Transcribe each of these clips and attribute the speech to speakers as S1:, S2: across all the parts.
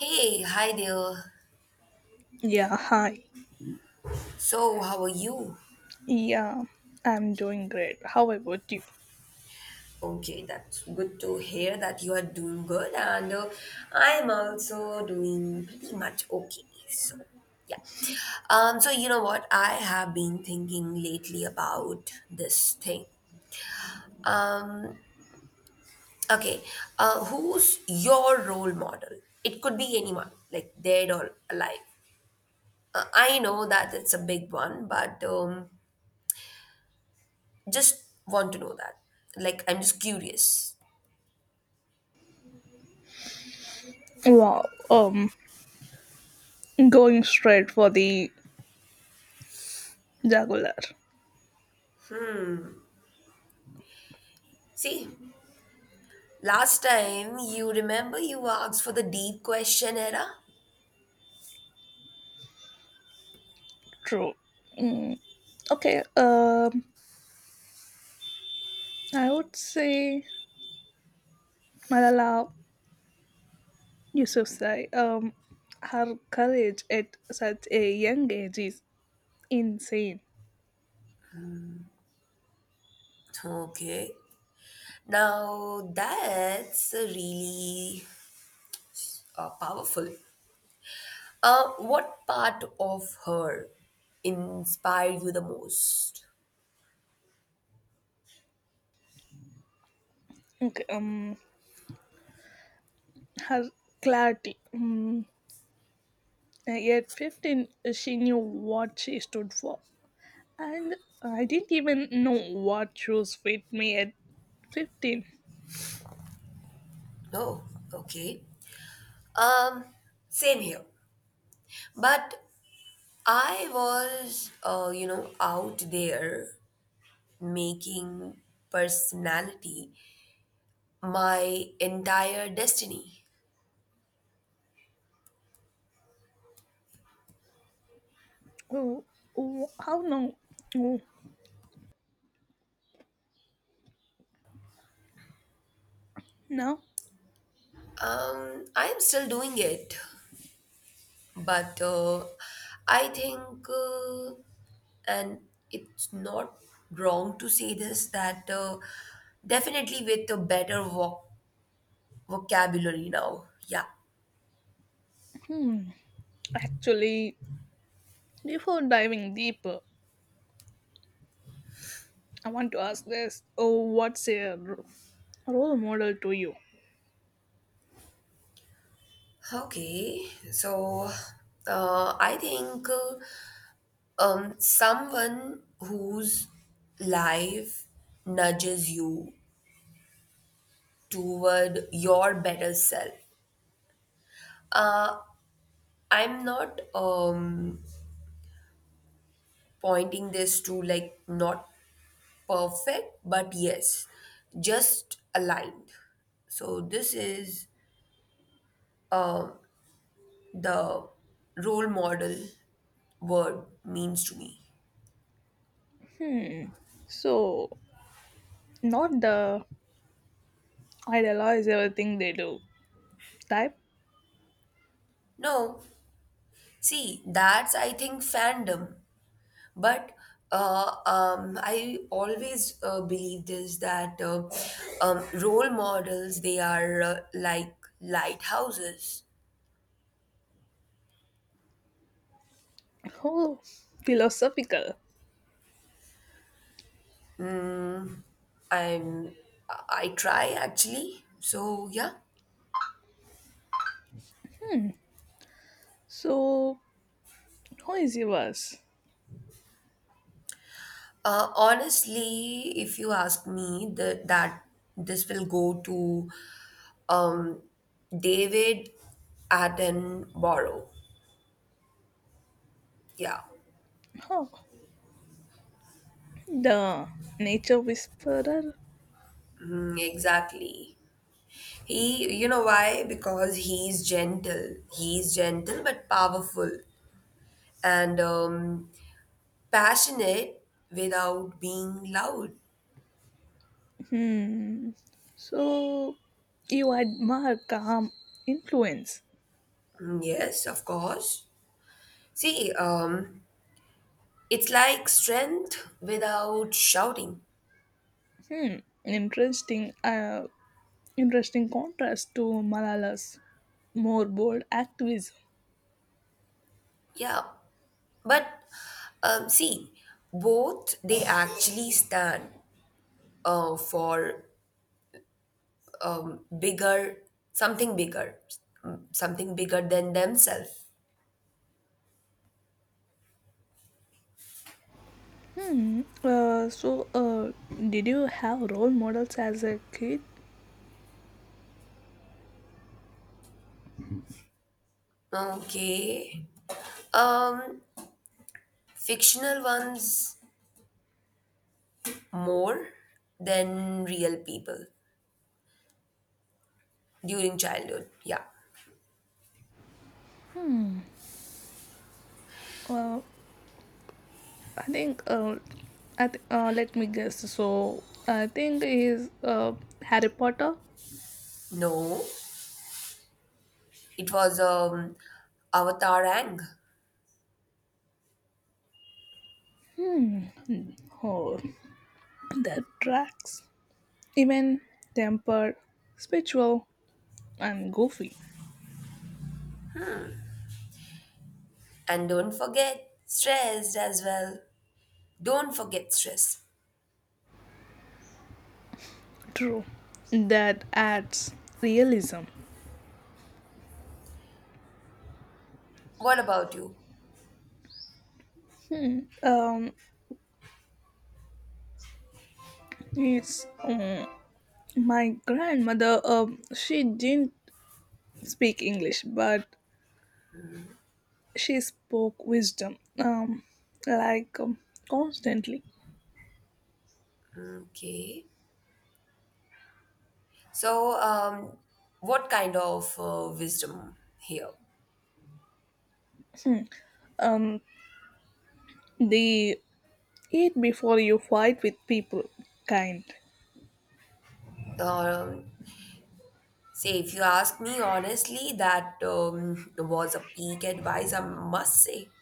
S1: Hey, hi there.
S2: Yeah, hi.
S1: So, how are you?
S2: Yeah, I'm doing great. How about you?
S1: Okay, that's good to hear that you are doing good, and I am also doing pretty much okay. So, yeah. So you know what? I have been thinking lately about this thing. Um, okay, Who's your role model? It could be anyone, like dead or alive. I know that it's a big one, but just want to know that. Like, I'm just curious.
S2: Wow, going straight for the Jaguar.
S1: See, last time you remember you asked for the deep question era?
S2: True. Mm, okay, I would say Malala Yousafzai. Her courage at such a young age is insane.
S1: Okay. Now that's really powerful. What part of her inspired you the most?
S2: Okay, her clarity. At 15, she knew what she stood for. And I didn't even know what shoes fit me at 15.
S1: Oh, okay. Um, Same here. But I was, you know, out there making personality my entire destiny.
S2: Oh, oh, how long? Oh, now?
S1: I am still doing it, but I think, uh, and it's not wrong to say this, that definitely with a better vocabulary now. Yeah.
S2: Hmm. Actually, before diving deeper, I want to ask this. Oh, what's role model to you?
S1: Okay. So I think someone whose life nudges you toward your better self. Uh, I'm not. Pointing this to like not perfect, but yes, just aligned. So this is the role model word means to me.
S2: Hmm. So, not the idolize everything they do type.
S1: No, see, that's I think fandom, but I always believe this that role models they are like lighthouses.
S2: Oh, philosophical.
S1: I'm I try actually. So yeah.
S2: So, who is yours?
S1: Honestly, if you ask me, the, that this will go to um, David Attenborough. Yeah,
S2: Oh, the nature whisperer.
S1: mm, exactly. He, you know why? Because he's gentle. He's gentle but powerful and passionate without being loud.
S2: Hmm. So you admire calm influence.
S1: Mm, yes, of course. See, it's like strength without shouting.
S2: Hmm. Interesting. Interesting contrast to Malala's more bold activism.
S1: Yeah. But see, both they actually stand for bigger, something bigger, mm, something bigger than themselves.
S2: Hmm. So did you have role models as a kid?
S1: Okay. Um, Fictional ones more than real people during childhood. Yeah.
S2: Uh, I think. I th- Let me guess. So I think is Harry Potter.
S1: No, it was Avatar Ang.
S2: Hmm. Oh, that tracks. Even tempered, spiritual, and goofy.
S1: And don't forget, stressed as well. Don't forget stress.
S2: True. That adds realism.
S1: What about you?
S2: Um, it's My grandmother. She didn't speak English, but she spoke wisdom. Like um, Constantly.
S1: Okay. So, what kind of wisdom here?
S2: Hmm. Um, the eat before you fight with people kind.
S1: Um, Say, if you ask me honestly, that was a peak advice, I must say.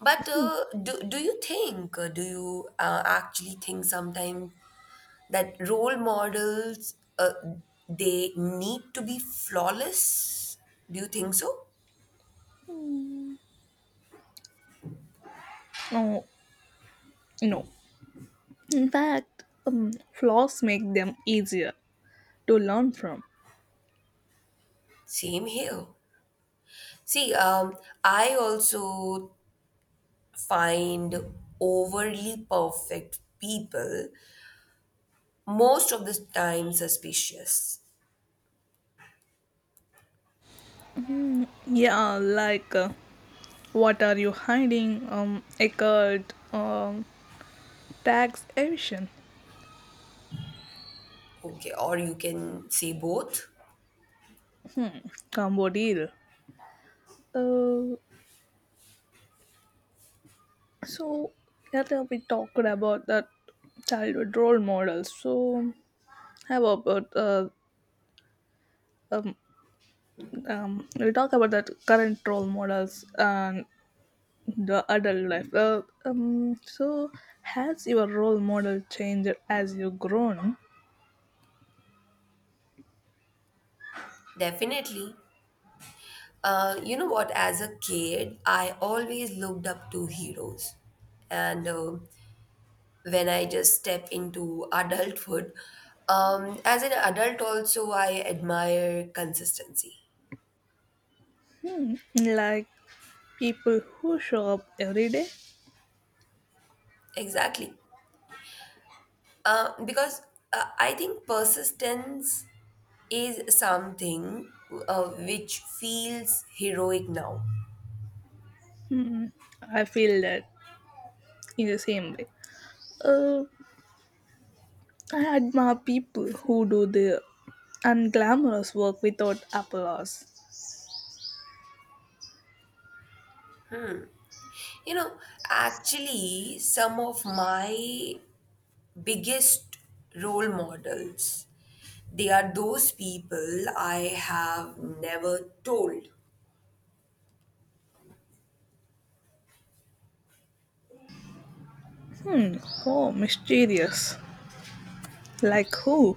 S1: But do you think, do you actually think sometimes that role models, they need to be flawless? Do you think so?
S2: No, no. In fact, flaws make them easier to learn from.
S1: Same here. See, I also find overly perfect people most of the time suspicious.
S2: Yeah, like what are you hiding? Eckerd, um, tax evasion.
S1: Okay, or you can say both.
S2: Hmm, combo deal. Uh, so earlier we talked about that childhood role models. So how about um, we talk about that current role models and the adult life. So has your role model changed as you grown?
S1: Definitely. You know what? As a kid, I always looked up to heroes. And when I just step into adulthood, as an adult, also, I admire consistency.
S2: Like people who show up every day.
S1: Exactly. Because I think persistence is something which feels heroic now.
S2: Hmm, I feel that in the same way. Uh, I admire people who do the unglamorous work without applause.
S1: You know, actually, some of my biggest role models, they are those people I have never told.
S2: Hmm, oh, mysterious. Like who?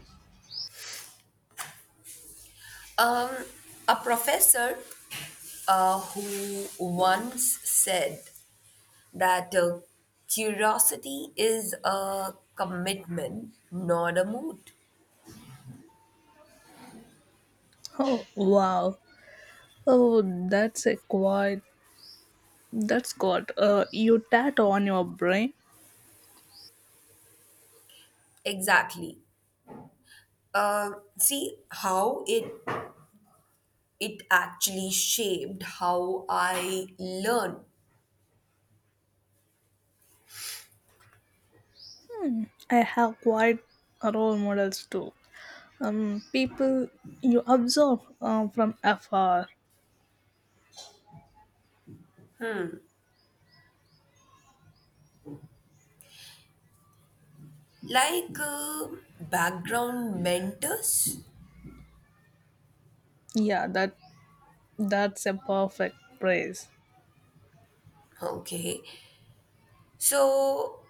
S1: Um, a professor who once said that curiosity is a commitment, not a mood.
S2: Oh, wow. Oh, that's a quite. That's got you tattoo on your brain.
S1: Exactly. Uh, See how it actually shaped how I learn.
S2: Hmm, I have quite role models too. People you observe from afar.
S1: Like background mentors.
S2: Yeah, that's a perfect praise.
S1: Okay, so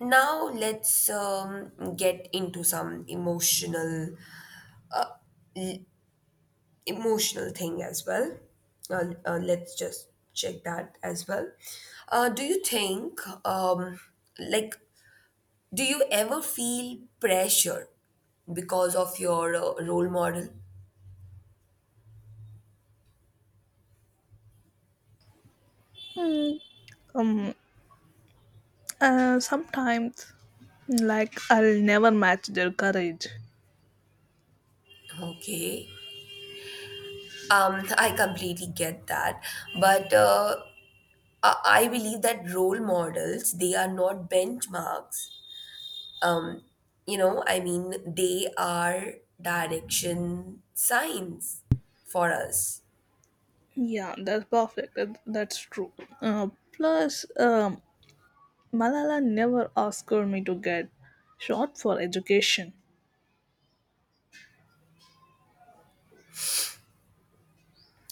S1: now let's get into some l- emotional thing as well. Let's just check that as well. Do you think um, like do you ever feel pressure because of your role model?
S2: Hmm, um sometimes like I'll never match their courage.
S1: Okay, I completely get that, but uh, I I believe that role models they are not benchmarks. Um, you know, I mean, they are direction signs for us.
S2: Yeah, that's perfect. That's true. Uh, plus Malala never asked me to get short for education.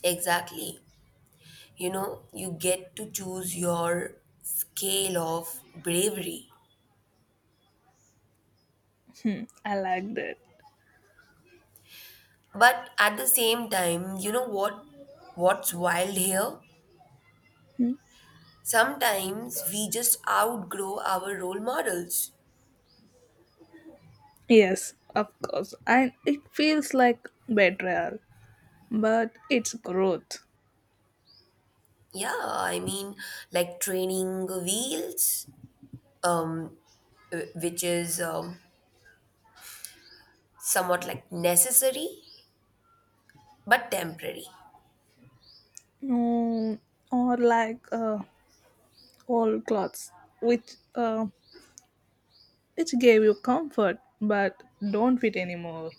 S1: Exactly. You know, you get to choose your scale of bravery.
S2: Hmm, I like that.
S1: But at the same time, you know what's wild here?
S2: Hmm.
S1: Sometimes we just outgrow our role models.
S2: Yes, of course, and it feels like betrayal, but it's growth.
S1: Yeah, I mean, like training wheels, um, which is somewhat like necessary but temporary.
S2: Mm, or like old clothes which uh, which gave you comfort but don't fit anymore.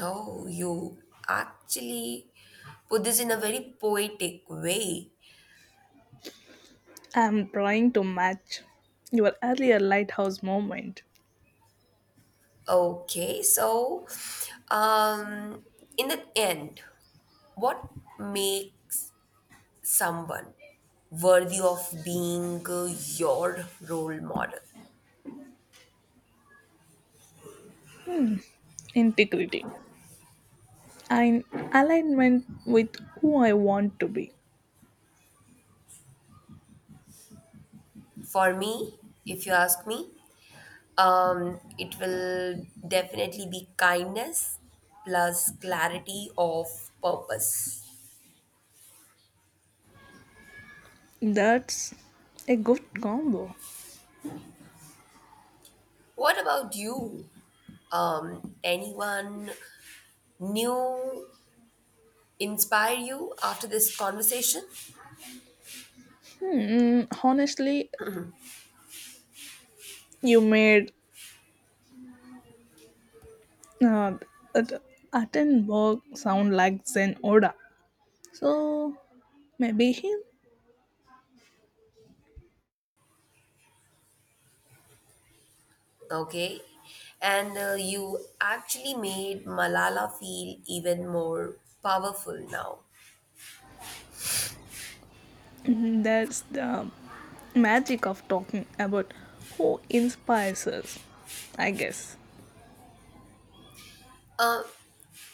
S1: Oh, you actually put this in a very poetic way.
S2: I'm trying to match your earlier lighthouse moment.
S1: Okay, so um, in the end, what makes someone worthy of being your role model?
S2: Integrity and alignment with who I want to be.
S1: For me, if you ask me, it will definitely be kindness plus clarity of purpose.
S2: That's a good combo.
S1: What about you? Anyone new inspire you after this conversation?
S2: Hmm, honestly, you made uh, At- Attenborough sound like Zen Oda. So maybe him.
S1: Okay. And you actually made Malala feel even more powerful now.
S2: Mhm. That's the magic of talking about who inspires us, I guess.
S1: Uh,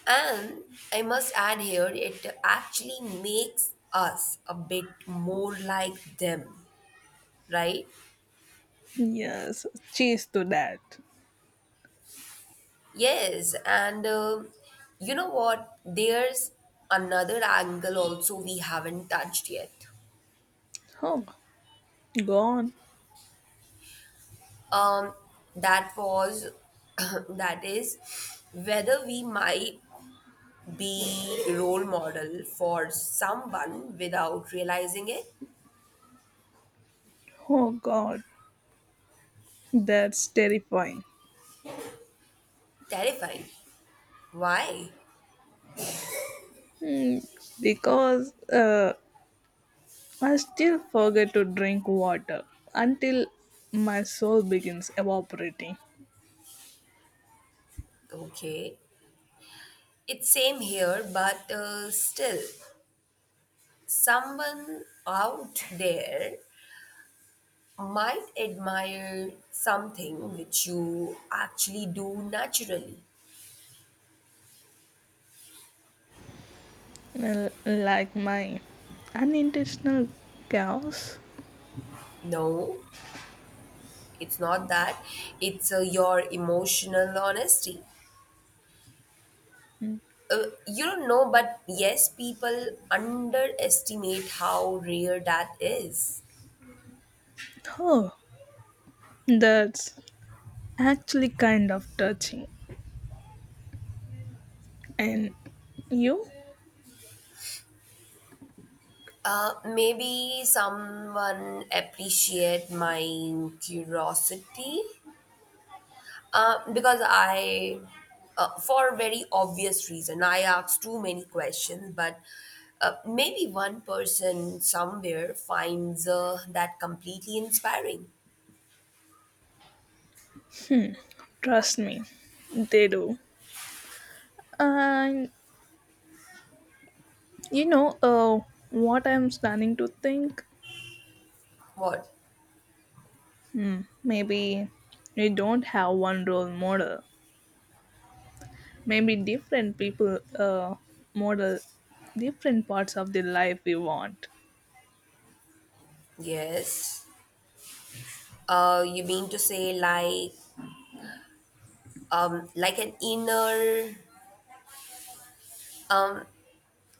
S1: and I must add here, it actually makes us a bit more like them, right?
S2: Yes, cheers to that.
S1: Yes, and you know what? There's another angle also we haven't touched yet.
S2: Oh, gone.
S1: Um, that was, that is, whether we might be role model for someone without realizing it.
S2: Oh, God. That's terrifying.
S1: Terrifying. Why?
S2: Hmm, because I still forget to drink water until my soul begins evaporating.
S1: Okay, it's same here, but still, someone out there might admire something which you actually do naturally.
S2: Like my unintentional chaos.
S1: No, it's not that. It's your emotional honesty. You don't know, but yes, people underestimate how rare that is.
S2: Oh, that's actually kind of touching. And you?
S1: Maybe someone appreciate my curiosity. Uh, because I, for a very obvious reason, I asked too many questions, but maybe one person somewhere finds that completely inspiring.
S2: Trust me, they do. And you know what I'm starting to think?
S1: What?
S2: Hmm, maybe we don't have one role model. Maybe different people model different parts of the life we want.
S1: Yes. You mean to say like, um, like an inner, um,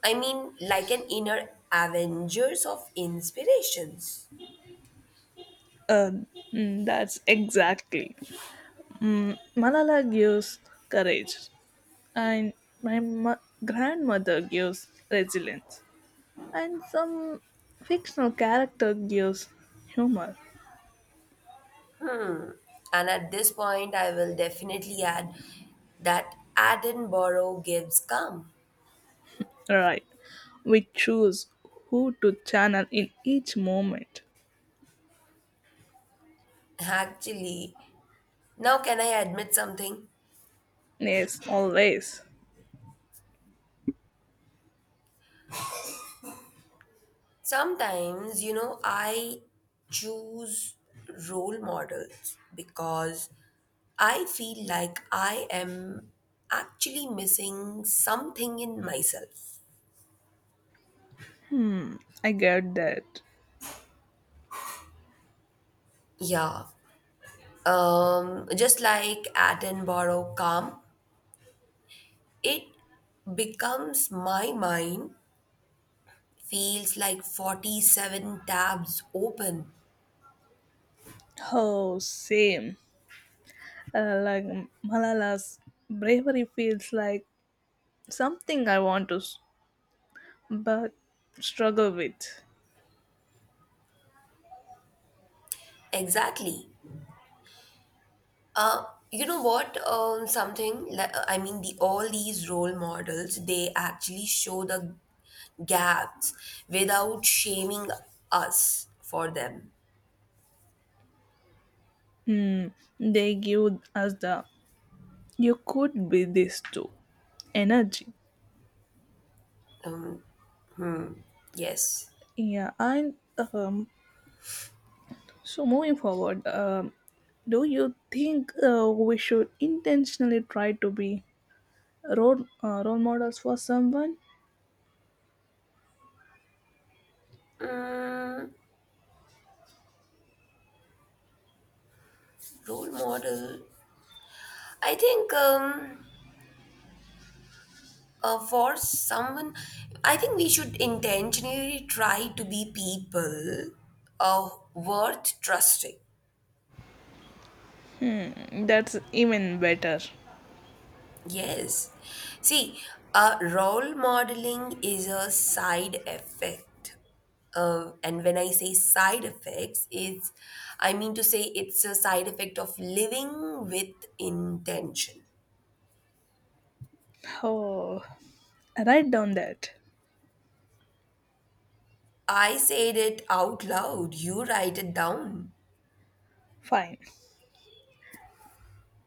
S1: I mean like an inner Avengers of inspirations.
S2: Uh, that's exactly. Mm, Malala gives courage, and my mo- grandmother gives resilience, and some fictional character gives humor.
S1: And at this point, I will definitely add that Edinburgh gives come.
S2: Right. We choose who to channel in each moment.
S1: Actually, now can I admit something?
S2: Yes, always.
S1: Sometimes, you know, I choose role models because I feel like I am actually missing something in myself.
S2: Hmm, I get that.
S1: Yeah. Just like Attenborough Calm, it becomes my mind feels like 47 tabs open.
S2: Oh, same. Like Malala's bravery feels like something I want to, but struggle with.
S1: Exactly. Uh, you know what? Something like I mean, The all these role models they actually show the gaps without shaming us for them.
S2: Hmm, they give us the you could be this too energy.
S1: Um, yes.
S2: Yeah, and um, so moving forward, do you think we should intentionally try to be role role models for someone?
S1: Mm, role model. I think For someone, I think we should intentionally try to be people worth trusting.
S2: Hmm, that's even better.
S1: Yes. See, role modeling is a side effect. And when I say side effects, I mean to say it's a side effect of living with intention.
S2: Oh, write down that.
S1: I said it out loud. You write it down.
S2: Fine.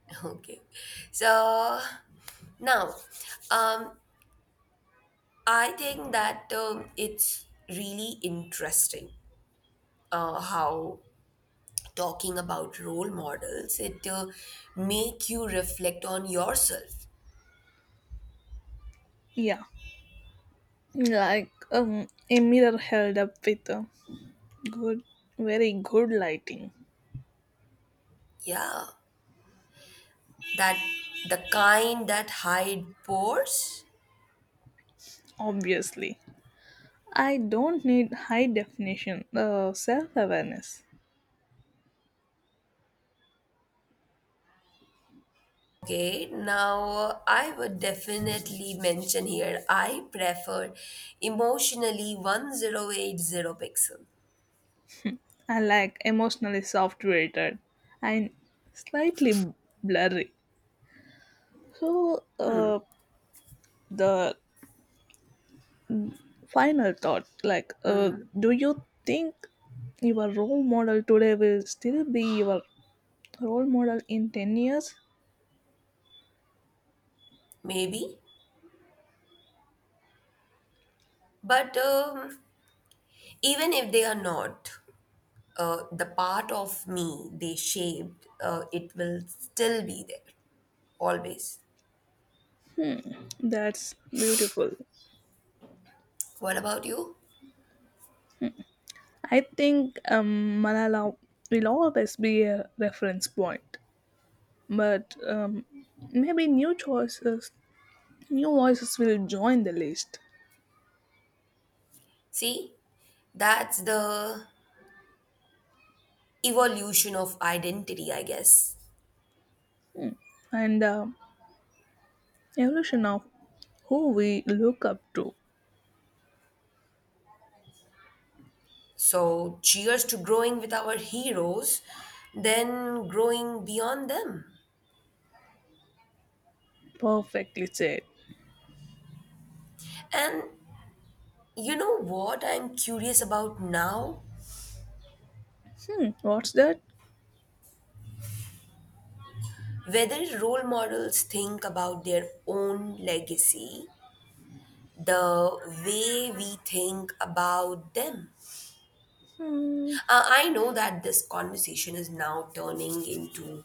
S1: Okay. So now, um, I think that it's really interesting how talking about role models, it make you reflect on yourself.
S2: Yeah. Like a mirror held up with a good, very good lighting.
S1: Yeah, that the kind that hide pores.
S2: Obviously. I don't need high definition self awareness.
S1: Okay, now I would definitely mention here I prefer emotionally 1080 pixel,
S2: I like emotionally soft rated and slightly blurry. So, the final thought like, do you think your role model today will still be your role model in 10 years?
S1: maybe. But even if they are not, the part of me they shaped, it will still be there, always.
S2: That's beautiful.
S1: What about you?
S2: I think Malala will always be a reference point, but maybe new choices, new voices will join the list.
S1: See, that's the evolution of identity, I guess.
S2: And evolution of who we look up to.
S1: So, cheers to growing with our heroes, then growing beyond them.
S2: Perfectly said.
S1: And you know what I'm curious about now?
S2: Hmm, what's that?
S1: Whether role models think about their own legacy the way we think about them.
S2: hmm,
S1: I know that this conversation is now turning into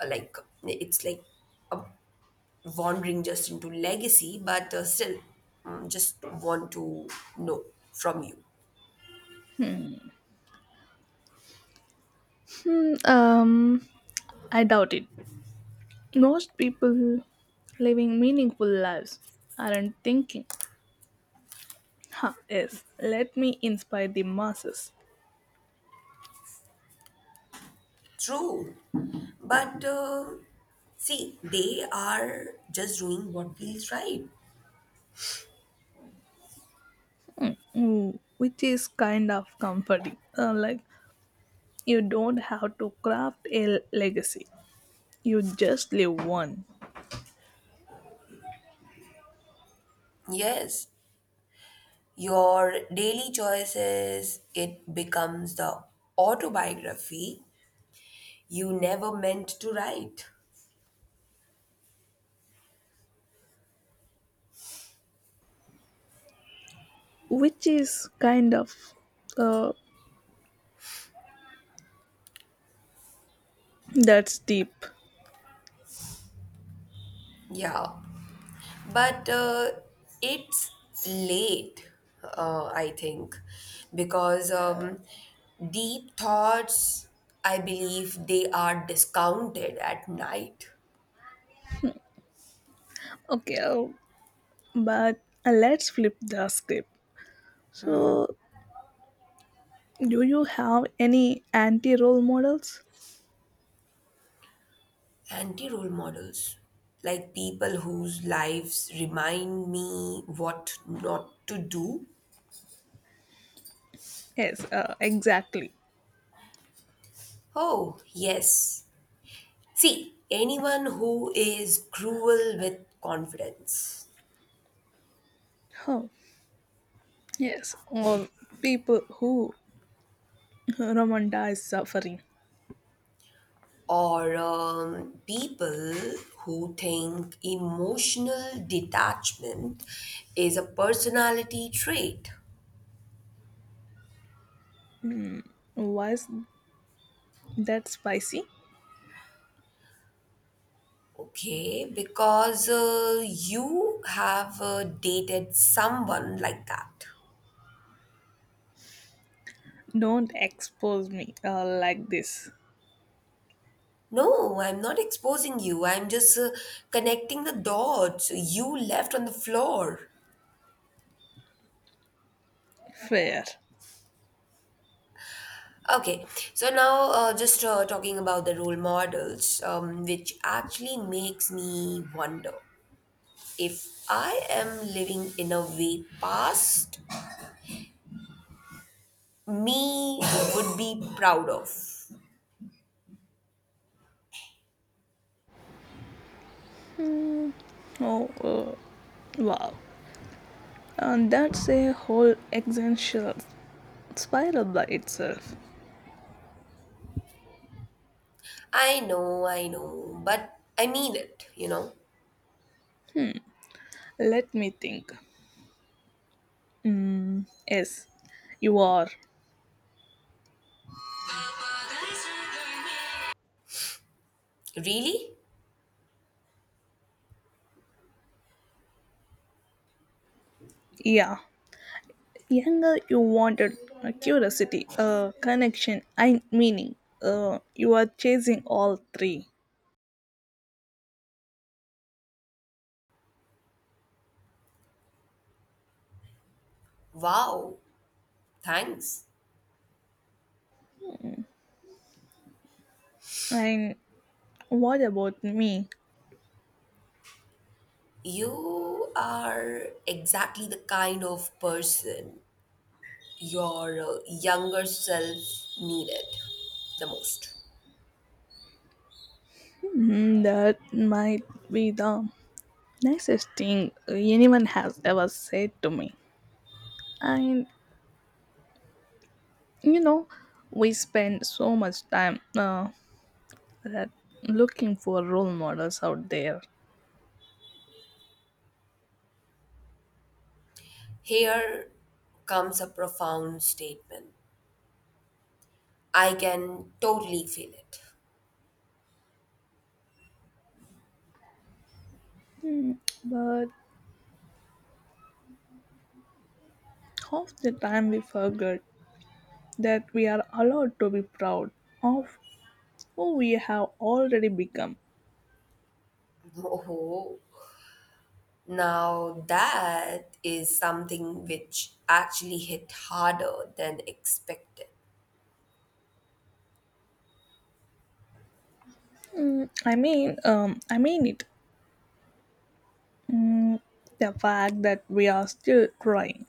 S1: uh, like, it's like a wandering just into legacy, but still mm, just want to know from you.
S2: hmm um I doubt it. Most people living meaningful lives aren't thinking, ha, yes, let me inspire the masses.
S1: True. But see, they are just doing what feels right.
S2: Mm, which is kind of comforting. Like, you don't have to craft a legacy, you just leave one.
S1: Yes, your daily choices, it becomes the autobiography you never meant to write.
S2: Which is kind of. Uh, that's deep.
S1: Yeah, but it's late, uh, I think, because deep thoughts, I believe, they are discounted at night.
S2: Okay, but let's flip the script. So, do you have any anti role models?
S1: Anti role models, like people whose lives remind me what not to do.
S2: Yes, exactly.
S1: Oh, yes. See, anyone who is cruel with confidence.
S2: Huh. Yes, or people who romanticize suffering.
S1: Or people who think emotional detachment is a personality trait.
S2: Mm, was that spicy?
S1: Okay, because you have dated someone like that.
S2: Don't expose me like this.
S1: No, I'm not exposing you. I'm just connecting the dots you left on the floor.
S2: Fair.
S1: Okay, so now just talking about the role models, which actually makes me wonder if I am living in a way past me would be proud of.
S2: Oh, wow. And that's a whole existential spiral by itself.
S1: I know, but I mean it, you know.
S2: Let me think. Mm, yes, you are.
S1: Really?
S2: Yeah. Younger, you wanted a curiosity, a connection, and meaning. You are chasing all three.
S1: Wow, thanks.
S2: And what about me?
S1: You are exactly the kind of person your younger self needed the most.
S2: Mm, that might be the nicest thing anyone has ever said to me. And you know, we spend so much time that looking for role models out there.
S1: Here comes a profound statement. I can totally feel it.
S2: Mm, but half the time we forget that we are allowed to be proud of who we have already become.
S1: Oh, now, that is something which actually hit harder than expected.
S2: Mm, I mean it. Mm, the fact that we are still trying,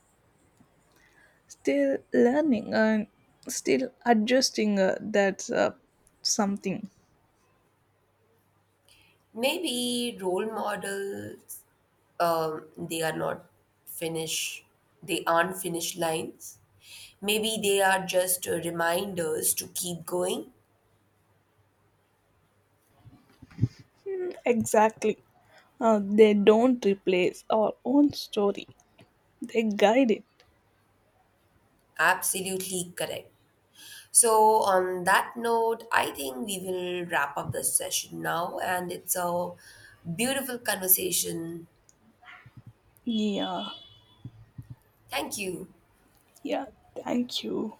S2: still learning, and still adjusting that's something.
S1: Maybe role models, um, they are not finish, they aren't finish lines. Maybe they are just reminders to keep going.
S2: Exactly. Uh, they don't replace our own story, they guide it.
S1: Absolutely correct. So, on that note, I think we will wrap up this session now, and it's a beautiful conversation.
S2: Yeah.
S1: Thank you.
S2: Yeah, thank you.